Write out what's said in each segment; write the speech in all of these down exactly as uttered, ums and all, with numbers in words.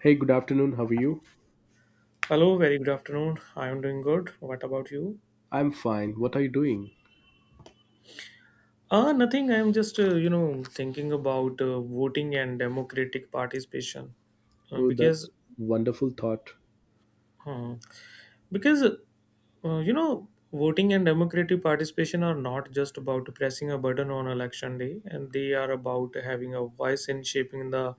Hey, good afternoon. How are you? Hello, very good afternoon. I am doing good. What about you? I'm fine. What are you doing? Ah, nothing. I am just, uh, you know, thinking about uh, voting and democratic participation, uh, Oh, because that's wonderful thought. uh, because uh, you know, voting and democratic participation are not just about pressing a button on election day, and they are about having a voice in shaping the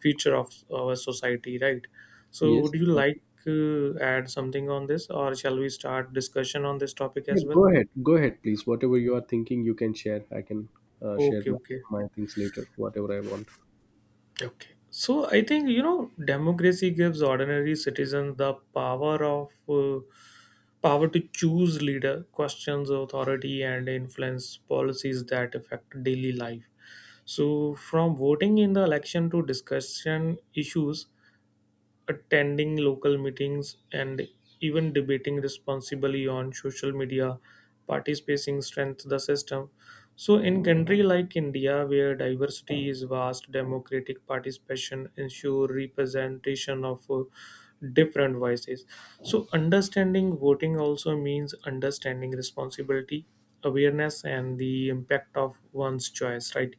future of our society, right? So, Yes, would you like exactly. uh, add something on this, or shall we start discussion on this topic Yeah, as well? go ahead. Go ahead, please. Whatever you are thinking, you can share. I can uh, share Okay, my, okay. my things later, whatever I want. Okay. So I think you know democracy gives ordinary citizens the power of uh, power to choose leader, questions authority, and influence policies that affect daily life. So from voting in the election to discussion issues attending local meetings, and even debating responsibly on social media. Participating strength the system. So, in country like India, where diversity is vast, democratic participation ensure representation of uh, different voices. So, understanding voting also means understanding responsibility, awareness, and the impact of one's choice. Right.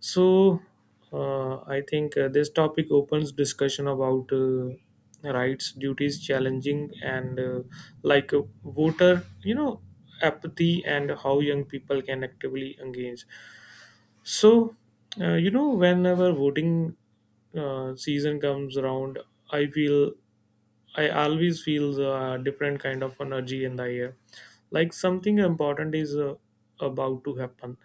So, uh, I think uh, this topic opens discussion about uh, rights, duties, challenging, and uh, like uh, voter, you know, apathy and how young people can actively engage. So, uh, you know, whenever voting uh, season comes around, I feel I always feel a different kind of energy in the air, like something important is uh, about to happen,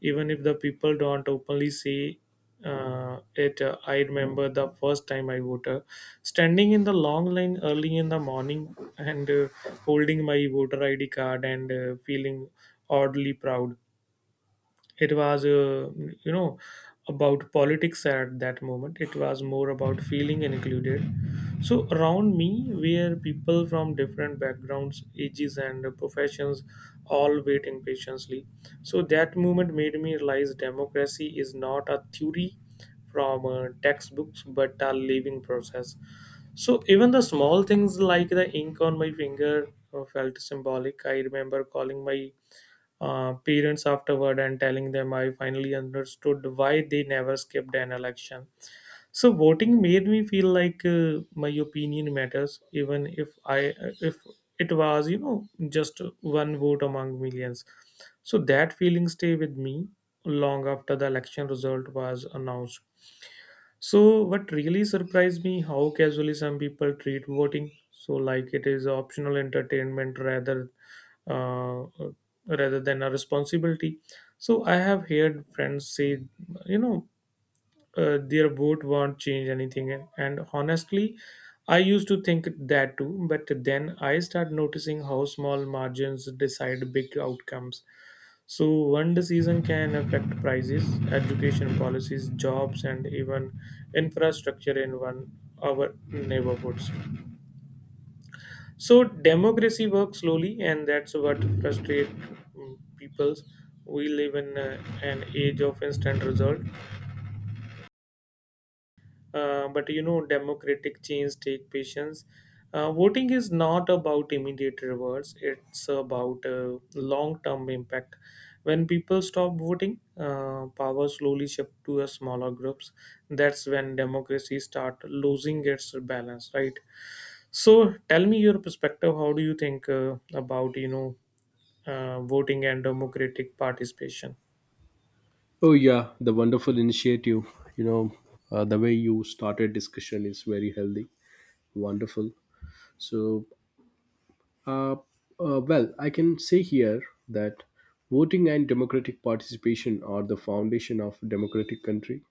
even if the people don't openly say uh, it. uh, I remember the first time I voted, standing in the long line early in the morning and uh, holding my voter I D card and uh, feeling oddly proud it was, uh, you know, about politics at that moment. It was more about feeling included. So around me were people from different backgrounds, ages, and professions, all waiting patiently. So that moment made me realize democracy is not a theory from uh, textbooks but a living process. So even the small things like the ink on my finger uh, felt symbolic. I remember calling my uh, parents afterward and telling them I finally understood why they never skipped an election. So voting made me feel like uh, my opinion matters, even if I if it was you know just one vote among millions. So that feeling stay with me long after the election result was announced. So, what really surprised me how casually some people treat voting. So, like it is optional entertainment rather, uh, rather than a responsibility. So, I have heard friends say, you know, uh, their vote won't change anything, and, and honestly, I used to think that too. But then I start noticing how small margins decide big outcomes. So, one season can affect prices, education policies, jobs, and even infrastructure in one our neighborhoods. So, democracy works slowly, and that's what frustrates people. We live in uh, an age of instant result, Uh, but you know, democratic change take patience. Uh, voting is not about immediate rewards; it's about uh, long-term impact. When people stop voting, uh, power slowly shift to a smaller groups. That's when democracy start losing its balance, right? So, tell me your perspective. How do you think uh, about you know uh, voting and democratic participation? Oh, yeah, the wonderful initiative. You know, uh, the way you started discussion is very healthy. Wonderful. So, uh, uh, well, I can say here that voting and democratic participation are the foundation of democratic country.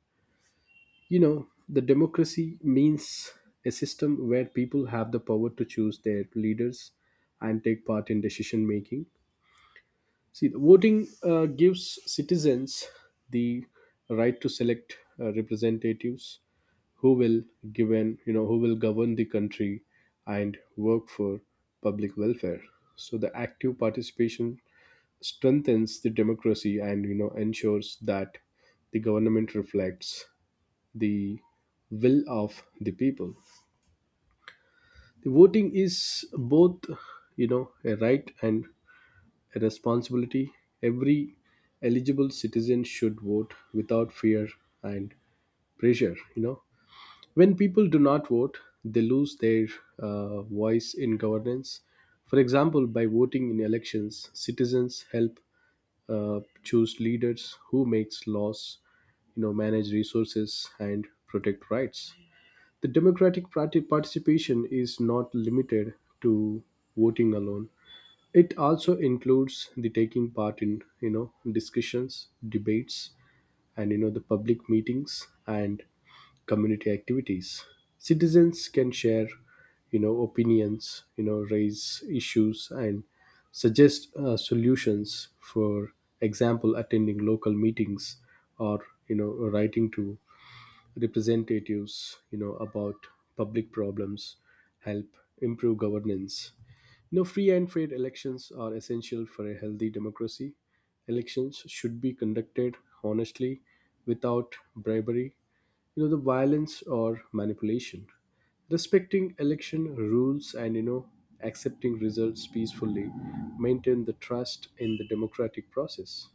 You know, the democracy means a system where people have the power to choose their leaders and take part in decision making. See, the voting uh, gives citizens the right to select uh, representatives who will given you know who will govern the country and work for public welfare. So the active participation strengthens the democracy and, you know, ensures that the government reflects the will of the people. The voting is both, you know, a right and a responsibility. Every eligible citizen should vote without fear and pressure. You know, when people do not vote, they lose their uh, voice in governance. For example, by voting in elections, citizens help uh, choose leaders who makes laws, you know, manage resources and protect rights. The democratic party participation is not limited to voting alone. It also includes the taking part in, you know, discussions, debates, and, you know, the public meetings and community activities. Citizens can share, you know, opinions, you know, raise issues and suggest uh, solutions. For example, attending local meetings or, you know, writing to representatives, you know, about public problems, help improve governance. You know, free and fair elections are essential for a healthy democracy. Elections should be conducted honestly, without bribery, you know, the violence or manipulation. Respecting election rules and, you know, accepting results peacefully maintain the trust in the democratic process.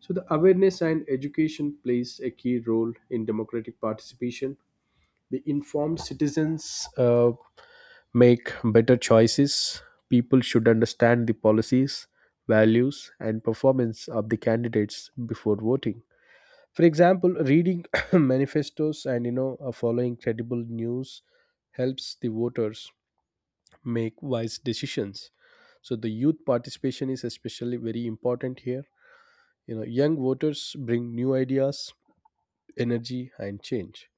So the awareness and education plays a key role in democratic participation. The informed citizens uh, make better choices. People should understand the policies, values, and performance of the candidates before voting. For example, reading manifestos and, you know, uh, following credible news helps the voters make wise decisions. So the youth participation is especially very important here. You know, young voters bring new ideas, energy and change.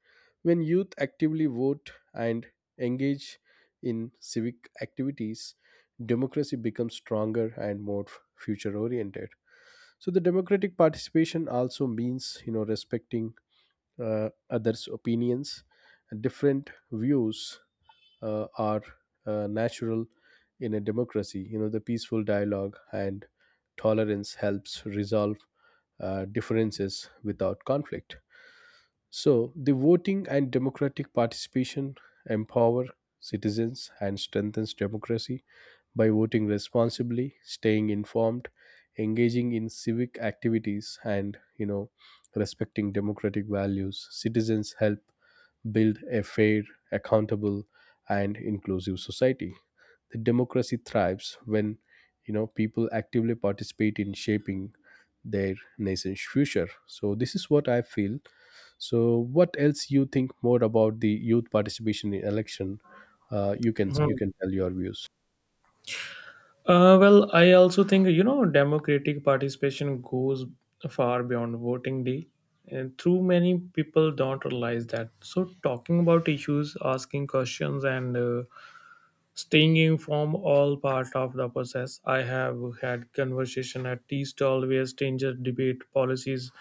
When youth actively vote and engage in civic activities, democracy becomes stronger and more future oriented. So the democratic participation also means, you know, respecting uh, others' opinions. Different views uh, are uh, natural in a democracy. You know, the peaceful dialogue and tolerance helps resolve uh, differences without conflict. So, the voting and democratic participation empower citizens and strengthens democracy. By voting responsibly, staying informed, engaging in civic activities and, you know, respecting democratic values, citizens help build a fair, accountable and inclusive society. The democracy thrives when, you know, people actively participate in shaping their nation's future. So this is what I feel. So, what else you think more about the youth participation in election? Uh, you can Hmm. you can tell your views. Uh, well, I also think you know democratic participation goes far beyond voting day, and too many people don't realize that. So, talking about issues, asking questions, and uh, staying informed all part of the process. I have had conversation at tea stall where strangers debate policies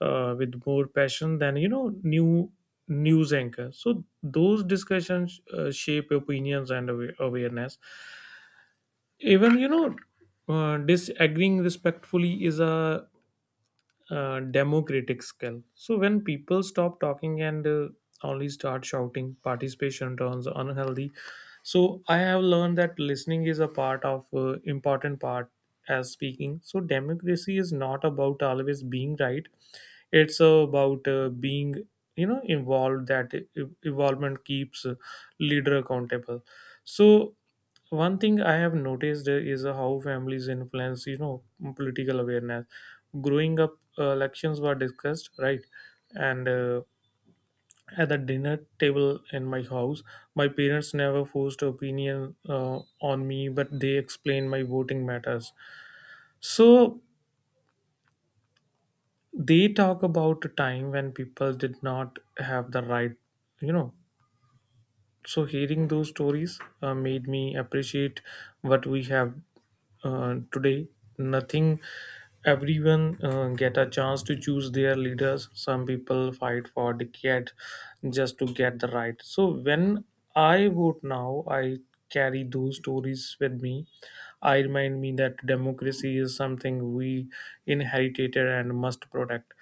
uh, with more passion than you know new news anchor. So those discussions uh, shape opinions and awa- awareness even you know uh, disagreeing respectfully is a uh, democratic skill. So when people stop talking and uh, only start shouting, participation turns unhealthy. So I have learned that listening is a part of uh, important part as speaking. So democracy is not about always being right. It's about uh, being you know involved. That e- involvement keeps uh, leader accountable. So so, one thing I have noticed uh, is uh, how families influence you know political awareness. Growing up, uh, elections were discussed, right? and uh, At the dinner table in my house, my parents never forced opinion uh, on me, but they explained my voting matters. So they talk about a time when people did not have the right, you know so hearing those stories uh, made me appreciate what we have uh, today. Nothing. Everyone uh, get a chance to choose their leaders. Some people fight for decade just to get the right. So when I vote now, I carry those stories with me. I remind me that democracy is something we inherited and must protect.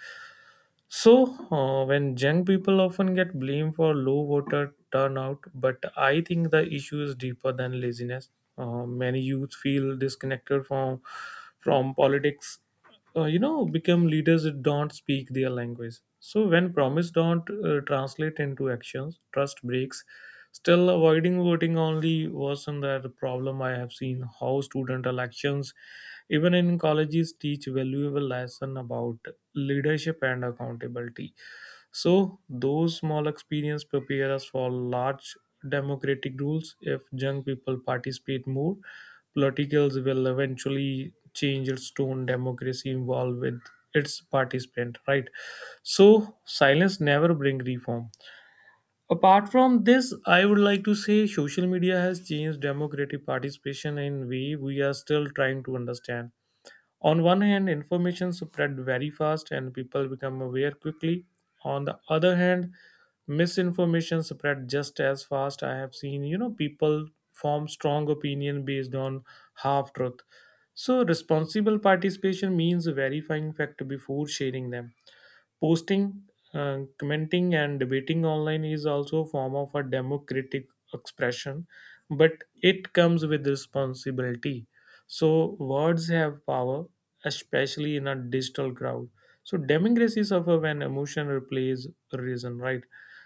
So, uh, when young people often get blamed for low voter turnout, but I think the issue is deeper than laziness. Uh, many youth feel disconnected from from politics. Uh, you know become leaders that don't speak their language. So when promise don't uh, translate into actions, trust breaks. Still, avoiding voting only worsen that problem. I have seen how student elections, even in colleges, teach valuable lesson about leadership and accountability. So, those small experience prepare us for large democratic rules. If young people participate more, politicals will eventually change its tone. Democracy involved with its participant, right? So, silence never bring reform. Apart from this, I would like to say social media has changed democratic participation in way we are still trying to understand. On one hand, information spread very fast and people become aware quickly. On the other hand, misinformation spread just as fast. I have seen, you know, people form strong opinion based on half truth. So responsible participation means verifying fact before sharing them. Posting, uh, commenting, and debating online is also a form of a democratic expression, but it comes with responsibility. So words have power, especially in a digital crowd. So democracy suffer when emotion replaces reason, right?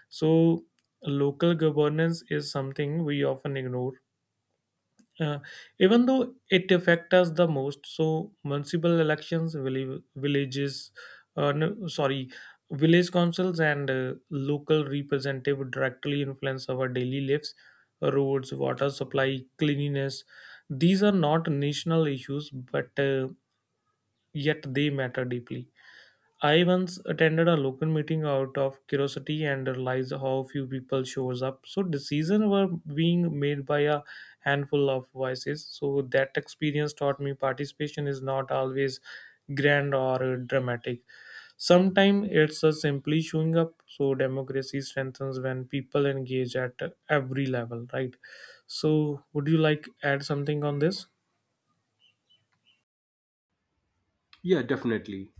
So local governance is something we often ignore, uh, even though it affects us the most. So municipal elections, villi- villages, uh, no, sorry, village councils and uh, local representative directly influence our daily lives, roads, water supply, cleanliness. These are not national issues, but uh, yet they matter deeply. I once attended a local meeting out of curiosity and realized how few people shows up. So decisions were being made by a handful of voices. So that experience taught me participation is not always grand or dramatic. Sometimes it's a simply showing up. So democracy strengthens when people engage at every level, right? So would you like add something on this? Yeah, definitely.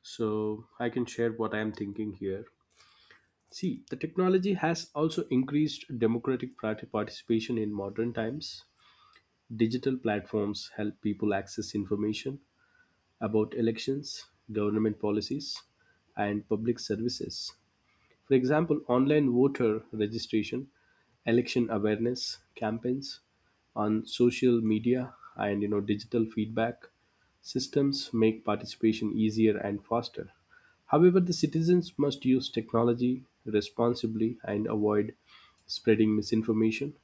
So I can share what I'm thinking here. See, the technology has also increased democratic parti- participation in modern times. Digital platforms help people access information about elections, government policies, and public services. For example, online voter registration, election awareness campaigns on social media, and, you know, digital feedback systems make participation easier and faster. However, the citizens must use technology responsibly and avoid spreading misinformation.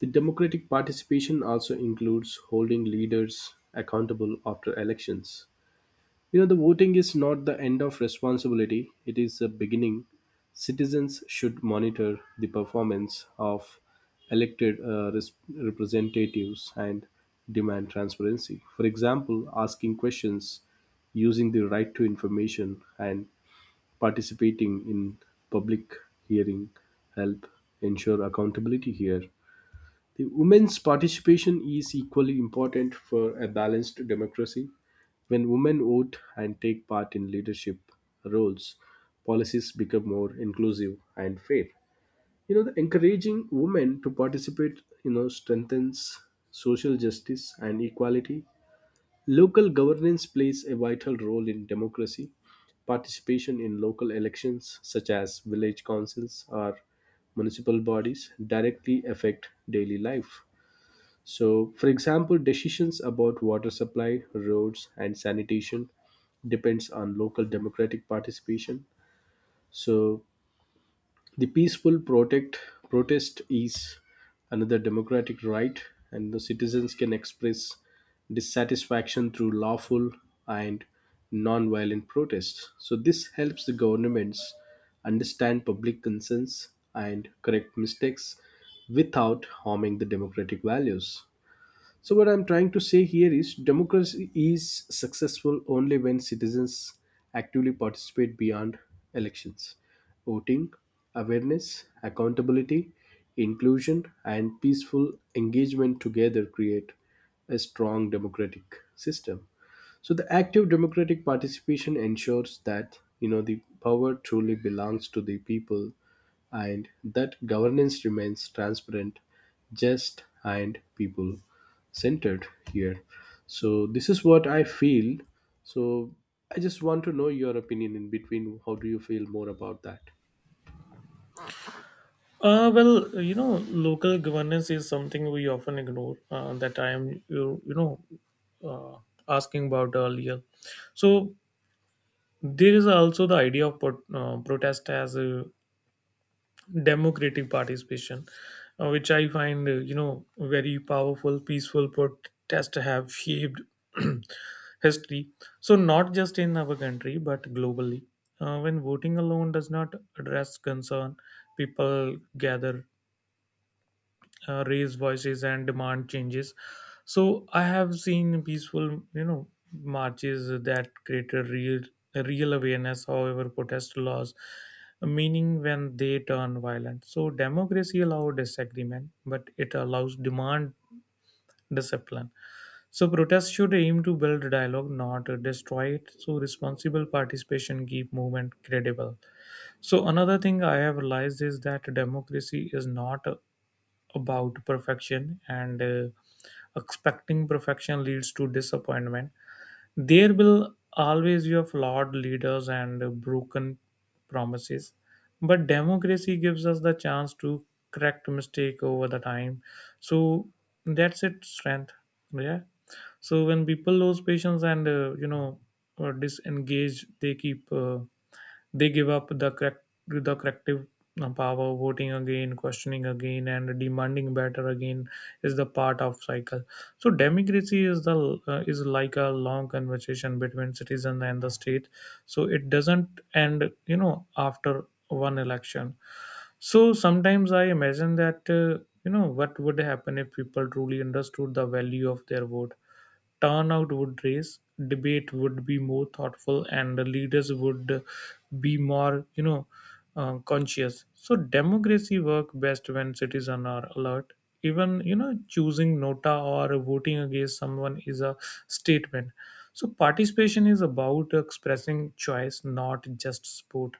The democratic participation also includes holding leaders accountable after elections. You know, the voting is not the end of responsibility, it is a beginning. Citizens should monitor the performance of elected uh, res- representatives and demand transparency. For example, asking questions, using the right to information, and participating in public hearing help ensure accountability here. The women's participation is equally important for a balanced democracy. When women vote and take part in leadership roles, policies become more inclusive and fair. You know, the encouraging women to participate, you know, strengthens social justice and equality. Local governance plays a vital role in democracy. Participation in local elections, such as village councils or municipal bodies, directly affect daily life. So, for example, decisions about water supply, roads, and sanitation depends on local democratic participation. So, the peaceful protect protest is another democratic right, and the citizens can express dissatisfaction through lawful and non-violent protests. So, this helps the governments understand public concerns and correct mistakes without harming the democratic values. So, what I'm trying to say here is democracy is successful only when citizens actively participate beyond elections. Voting, awareness, accountability, inclusion, and peaceful engagement together create a strong democratic system. So, the active democratic participation ensures that, you know, the power truly belongs to the people and that governance remains transparent, just, and people centered here. So, this is what I feel. So, I just want to know your opinion in between. How do you feel more about that? Uh, well, you know, local governance is something we often ignore. Uh, that I am, you, you know, uh, asking about earlier. So there is also the idea of pro- uh, protest as a democratic participation, uh, which I find, uh, you know, very powerful. Peaceful protest have shaped history. So not just in our country but globally. Uh, when voting alone does not address concern, people gather, uh, raise voices and demand changes. So I have seen peaceful, you know, marches that create a real, a real awareness. However, protest laws, meaning when they turn violent. So democracy allows disagreement, but it allows demand discipline. So protests should aim to build dialogue, not destroy it. So responsible participation keep movement credible. So another thing I have realized is that democracy is not uh, about perfection, and uh, expecting perfection leads to disappointment. There will always be a flawed leaders and uh, broken promises, but democracy gives us the chance to correct mistake over the time. So that's its strength. Yeah. So when people lose patience and uh, you know or disengage, they keep. Uh, they give up the correct the corrective uh, power. Voting again, questioning again, and demanding better again is the part of cycle. So democracy is the uh, is like a long conversation between citizen and the state. So it doesn't end, you know, after one election. So sometimes I imagine that uh, you know what would happen if people truly understood the value of their vote. Turnout would raise, debate would be more thoughtful, and the leaders would be more, you know, uh, conscious. So democracy work best when citizens are alert. Even you know choosing nota or voting against someone is a statement. So participation is about expressing choice, not just support.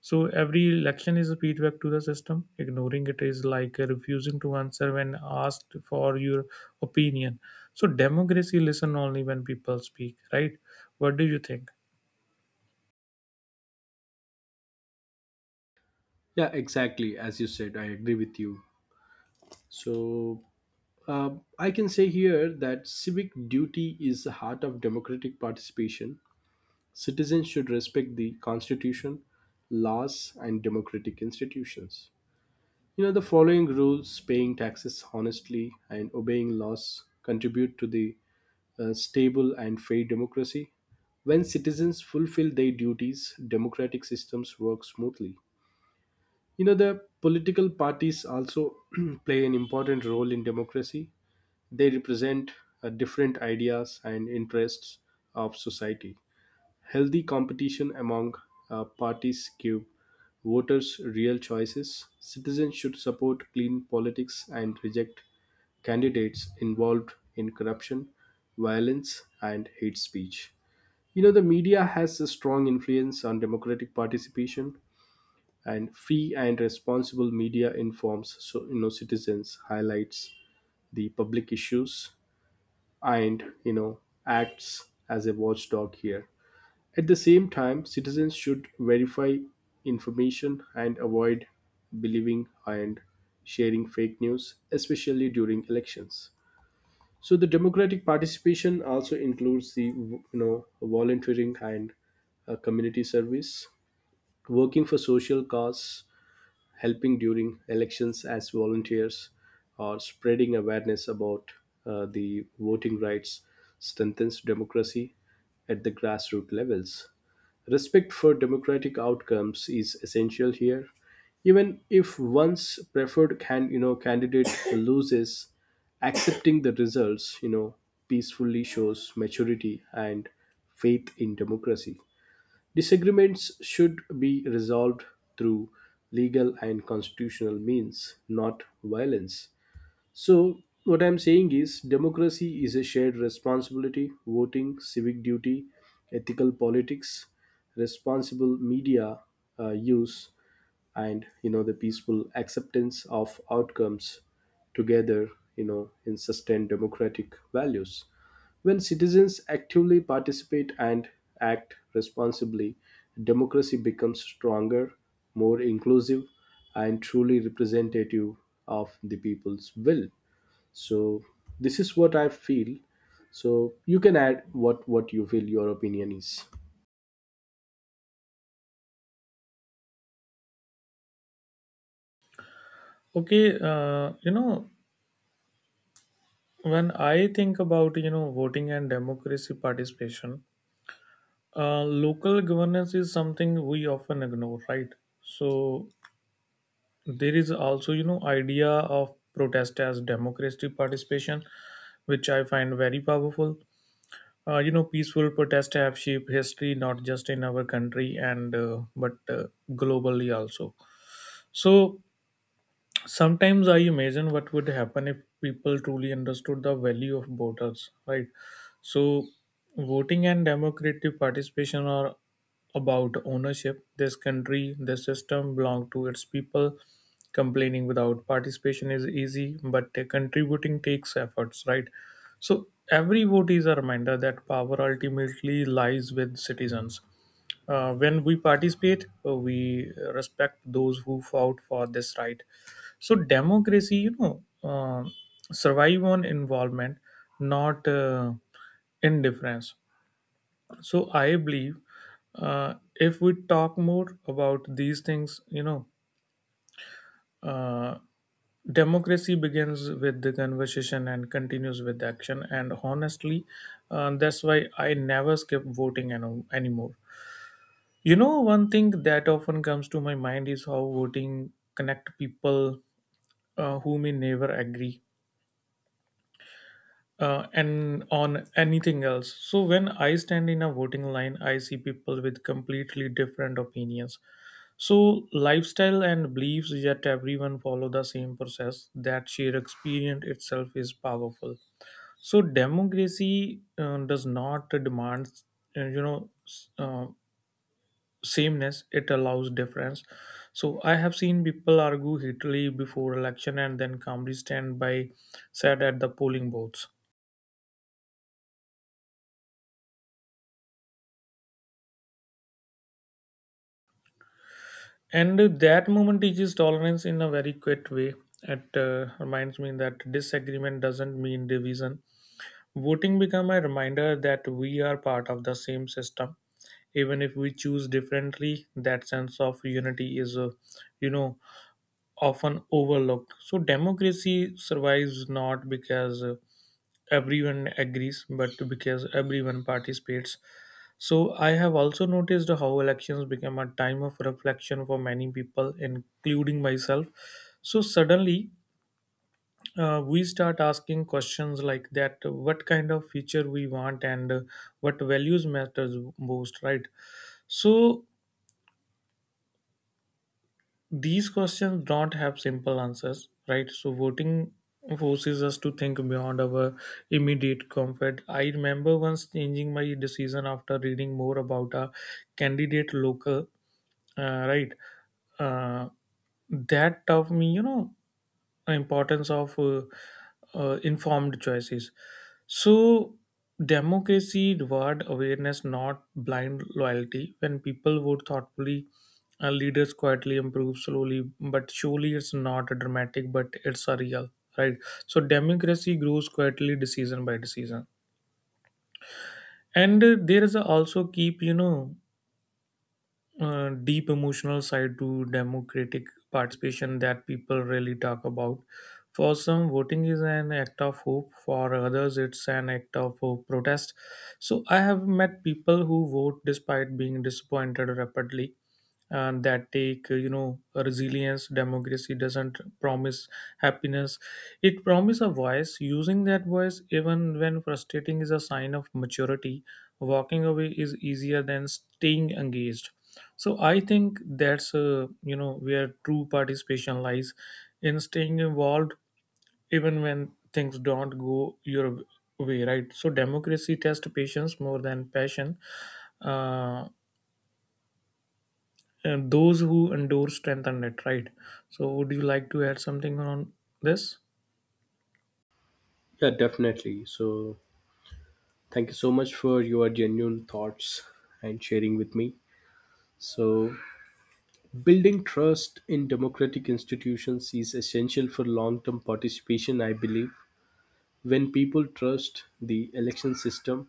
So every election is a feedback to the system. Ignoring it is like uh, refusing to answer when asked for your opinion. So democracy listen only when people speak, right? What do you think? Yeah, exactly. As you said, I agree with you. So, uh, I can say here that civic duty is the heart of democratic participation. Citizens should respect the constitution, laws, and democratic institutions. You know, the following rules, paying taxes honestly and obeying laws contribute to the uh, stable and fair democracy. When citizens fulfill their duties, democratic systems work smoothly. You know, the political parties also play an important role in democracy. They represent uh, different ideas and interests of society. Healthy competition among uh, parties give voters real choices. Citizens should support clean politics and reject candidates involved in corruption, violence, and hate speech. You know, the media has a strong influence on democratic participation, and free and responsible media informs, so you know, citizens, highlights the public issues, and, you know, acts as a watchdog here. At the same time, citizens should verify information and avoid believing and sharing fake news, especially during elections. So the democratic participation also includes, the you know, volunteering and uh, community service. Working for social cause, helping during elections as volunteers, or spreading awareness about uh, the voting rights strengthens democracy at the grassroots levels. Respect for democratic outcomes is essential here. Even if one's preferred can you know candidate loses, accepting the results, you know, peacefully shows maturity and faith in democracy. Disagreements should be resolved through legal and constitutional means, not violence. So, what I'm saying is, democracy is a shared responsibility. Voting, civic duty, ethical politics, responsible media uh, use, and, you know, the peaceful acceptance of outcomes together, you know, in sustained democratic values. When citizens actively participate and act responsibly, democracy becomes stronger, more inclusive, and truly representative of the people's will. So this is what I feel. So you can add what what you feel your opinion is. Okay, uh, you know when I think about you know voting and democracy participation, uh, local governance is something we often ignore, right? So there is also you know idea of protest as democracy participation, which I find very powerful. Uh, you know, peaceful protests have shaped history not just in our country and uh, but uh, globally also. So sometimes I imagine what would happen if people truly understood the value of voters right, so voting and democratic participation are about ownership. This country, this system belong to its people. Complaining without participation is easy, but contributing takes efforts, right? So every vote is a reminder that power ultimately lies with citizens. Uh, when we participate, uh, we respect those who fought for this right. So democracy, you know, uh, survive on involvement, not uh, indifference. So I believe, uh, if we talk more about these things, you know, uh, democracy begins with the conversation and continues with action. And honestly, uh, that's why I never skip voting ano- anymore. You know, one thing that often comes to my mind is how voting connect people uh, who may never agree uh, and on anything else. So when I stand in a voting line, I see people with completely different opinions. So lifestyle and beliefs, yet everyone follow the same process. That sheer experience itself is powerful. So democracy uh, does not demand, uh, you know, s- uh, sameness. It allows difference. So I have seen people argue heatedly before election and then calmly stand by side at the polling booths, and that moment teaches tolerance in a very quiet way. It uh, reminds me that disagreement doesn't mean division. Voting become a reminder that we are part of the same system, even if we choose differently. That sense of unity is uh, you know often overlooked. So democracy survives not because uh, everyone agrees, but because everyone participates. So I have also noticed how elections become a time of reflection for many people, including myself. So suddenly, uh, we start asking questions like that what kind of future we want, and uh, what values matters most, right? So these questions don't have simple answers, right? So voting forces us to think beyond our immediate comfort. I remember once changing my decision after reading more about a candidate local, uh, right? Uh, that taught me, you know, importance of uh, uh, informed choices. So democracy reward awareness, not blind loyalty. When people vote thoughtfully, uh, leaders quietly improve slowly, but surely. It's not a dramatic, but it's a real, right? So democracy grows quietly, decision by decision. And uh, there is a also keep, you know, uh, deep emotional side to democratic participation that people really talk about. For some, voting is an act of hope. For others, it's an act of uh, protest. So I have met people who vote despite being disappointed rapidly. And that take, uh, you know, resilience. Democracy doesn't promise happiness, it promises a voice. Using that voice even when frustrating is a sign of maturity. Walking away is easier than staying engaged. So I think that's uh, you know, where true participation lies, in staying involved even when things don't go your way, right? So democracy tests patience more than passion, uh, and those who endure strengthen it, right? So would you like to add something on this? Yeah, definitely. So thank you so much for your genuine thoughts and sharing with me. So, building trust in democratic institutions is essential for long term participation, I believe. When people trust the election system,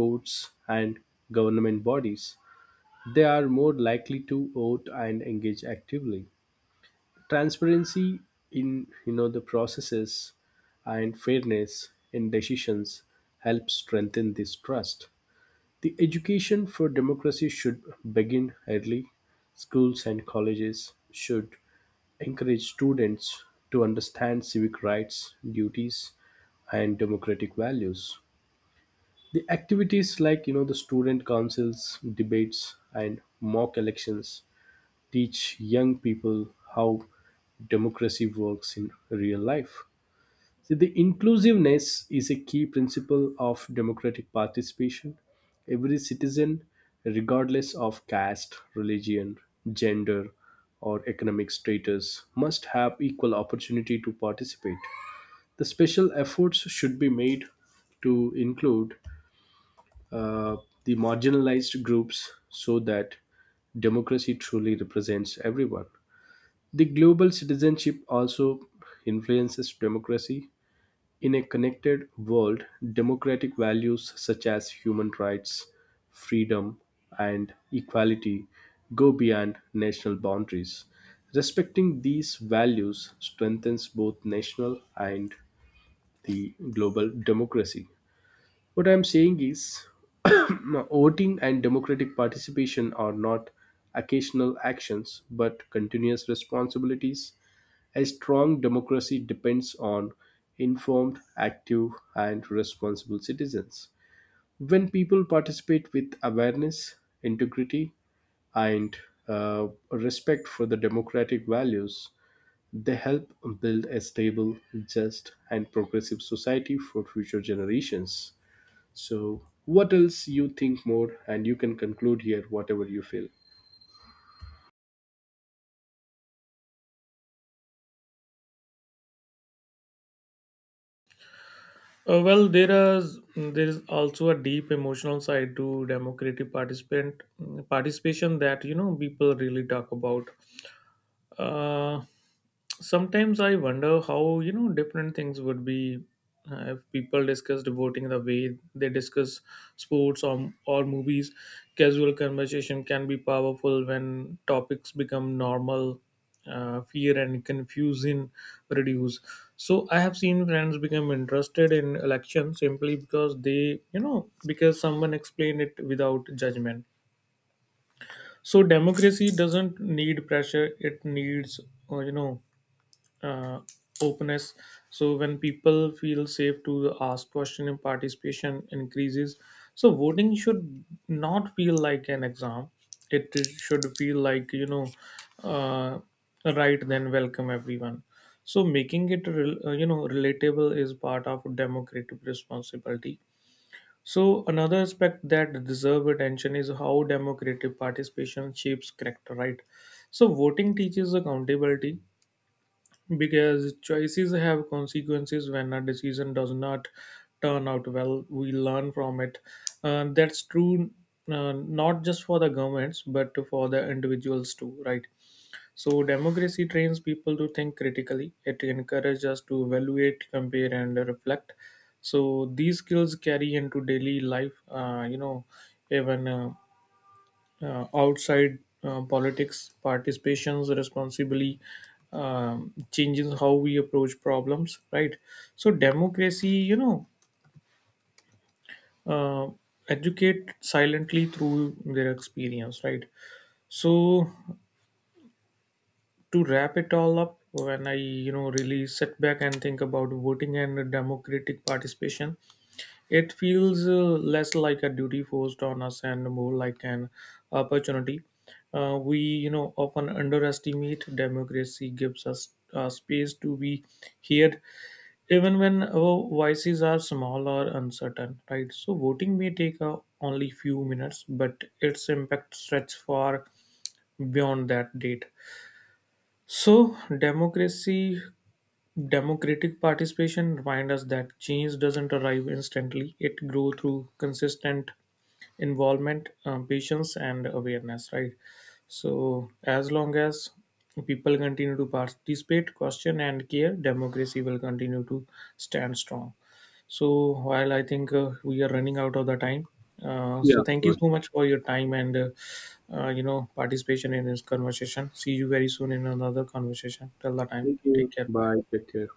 courts and government bodies, they are more likely to vote and engage actively. Transparency in, you know, the processes and fairness in decisions help strengthen this trust. The education for democracy should begin early. Schools and colleges should encourage students to understand civic rights, duties and democratic values. The activities like, you know, the student councils, debates and mock elections teach young people how democracy works in real life. So the inclusiveness is a key principle of democratic participation. Every citizen, regardless of caste, religion, gender, or economic status, must have equal opportunity to participate. The special efforts should be made to include uh, the marginalized groups so that democracy truly represents everyone. The global citizenship also influences democracy. In a connected world, democratic values such as human rights, freedom, and equality go beyond national boundaries. Respecting these values strengthens both national and the global democracy. What I'm saying is, voting and democratic participation are not occasional actions but continuous responsibilities. A strong democracy depends on informed, active, and responsible citizens. When people participate with awareness, integrity, and uh, respect for the democratic values, they help build a stable, just, and progressive society for future generations. So, what else you think more, and you can conclude here, whatever you feel. Uh, well, there is there is also a deep emotional side to democratic participant participation that, you know, people really talk about. Uh, Sometimes I wonder how, you know, different things would be uh, if people discussed voting the way they discuss sports or, or movies. Casual conversation can be powerful. When topics become normal, uh, fear and confusion reduce. So I have seen friends become interested in election simply because they, you know because someone explained it without judgment. So democracy doesn't need pressure, it needs uh, you know uh, openness. So when people feel safe to ask question, and participation increases. So voting should not feel like an exam, it should feel like, you know uh, right, then welcome everyone. So making it rel- uh, you know, relatable is part of democratic responsibility. So another aspect that deserve attention is how democratic participation shapes character, right? So voting teaches accountability because choices have consequences. When a decision does not turn out well, we learn from it. Uh, that's true, uh, not just for the governments, but for the individuals too, right? So democracy trains people to think critically. It encourages us to evaluate, compare and reflect. So these skills carry into daily life. Uh, you know even uh, uh, outside uh, politics, participations responsibly um, changes how we approach problems, right? So democracy, you know, uh, educate silently through their experience, right? So to wrap it all up, when I, you know, really sit back and think about voting and democratic participation, it feels uh, less like a duty forced on us and more like an opportunity. Uh, we, you know, often underestimate democracy gives us uh, space to be heard, even when our voices are small or uncertain. Right. So voting may take uh, only few minutes, but its impact stretches far beyond that date. So democracy democratic participation reminds us that change doesn't arrive instantly. It grows through consistent involvement, um, patience, and awareness, right? So as long as people continue to participate, question, and care, democracy will continue to stand strong. So while I think uh, we are running out of the time, uh, so thank you Good. so much for your time and uh, uh, you know, participation in this conversation. See you very soon in another conversation. Till the time, Thank take you. care. Bye. Bye. Take care.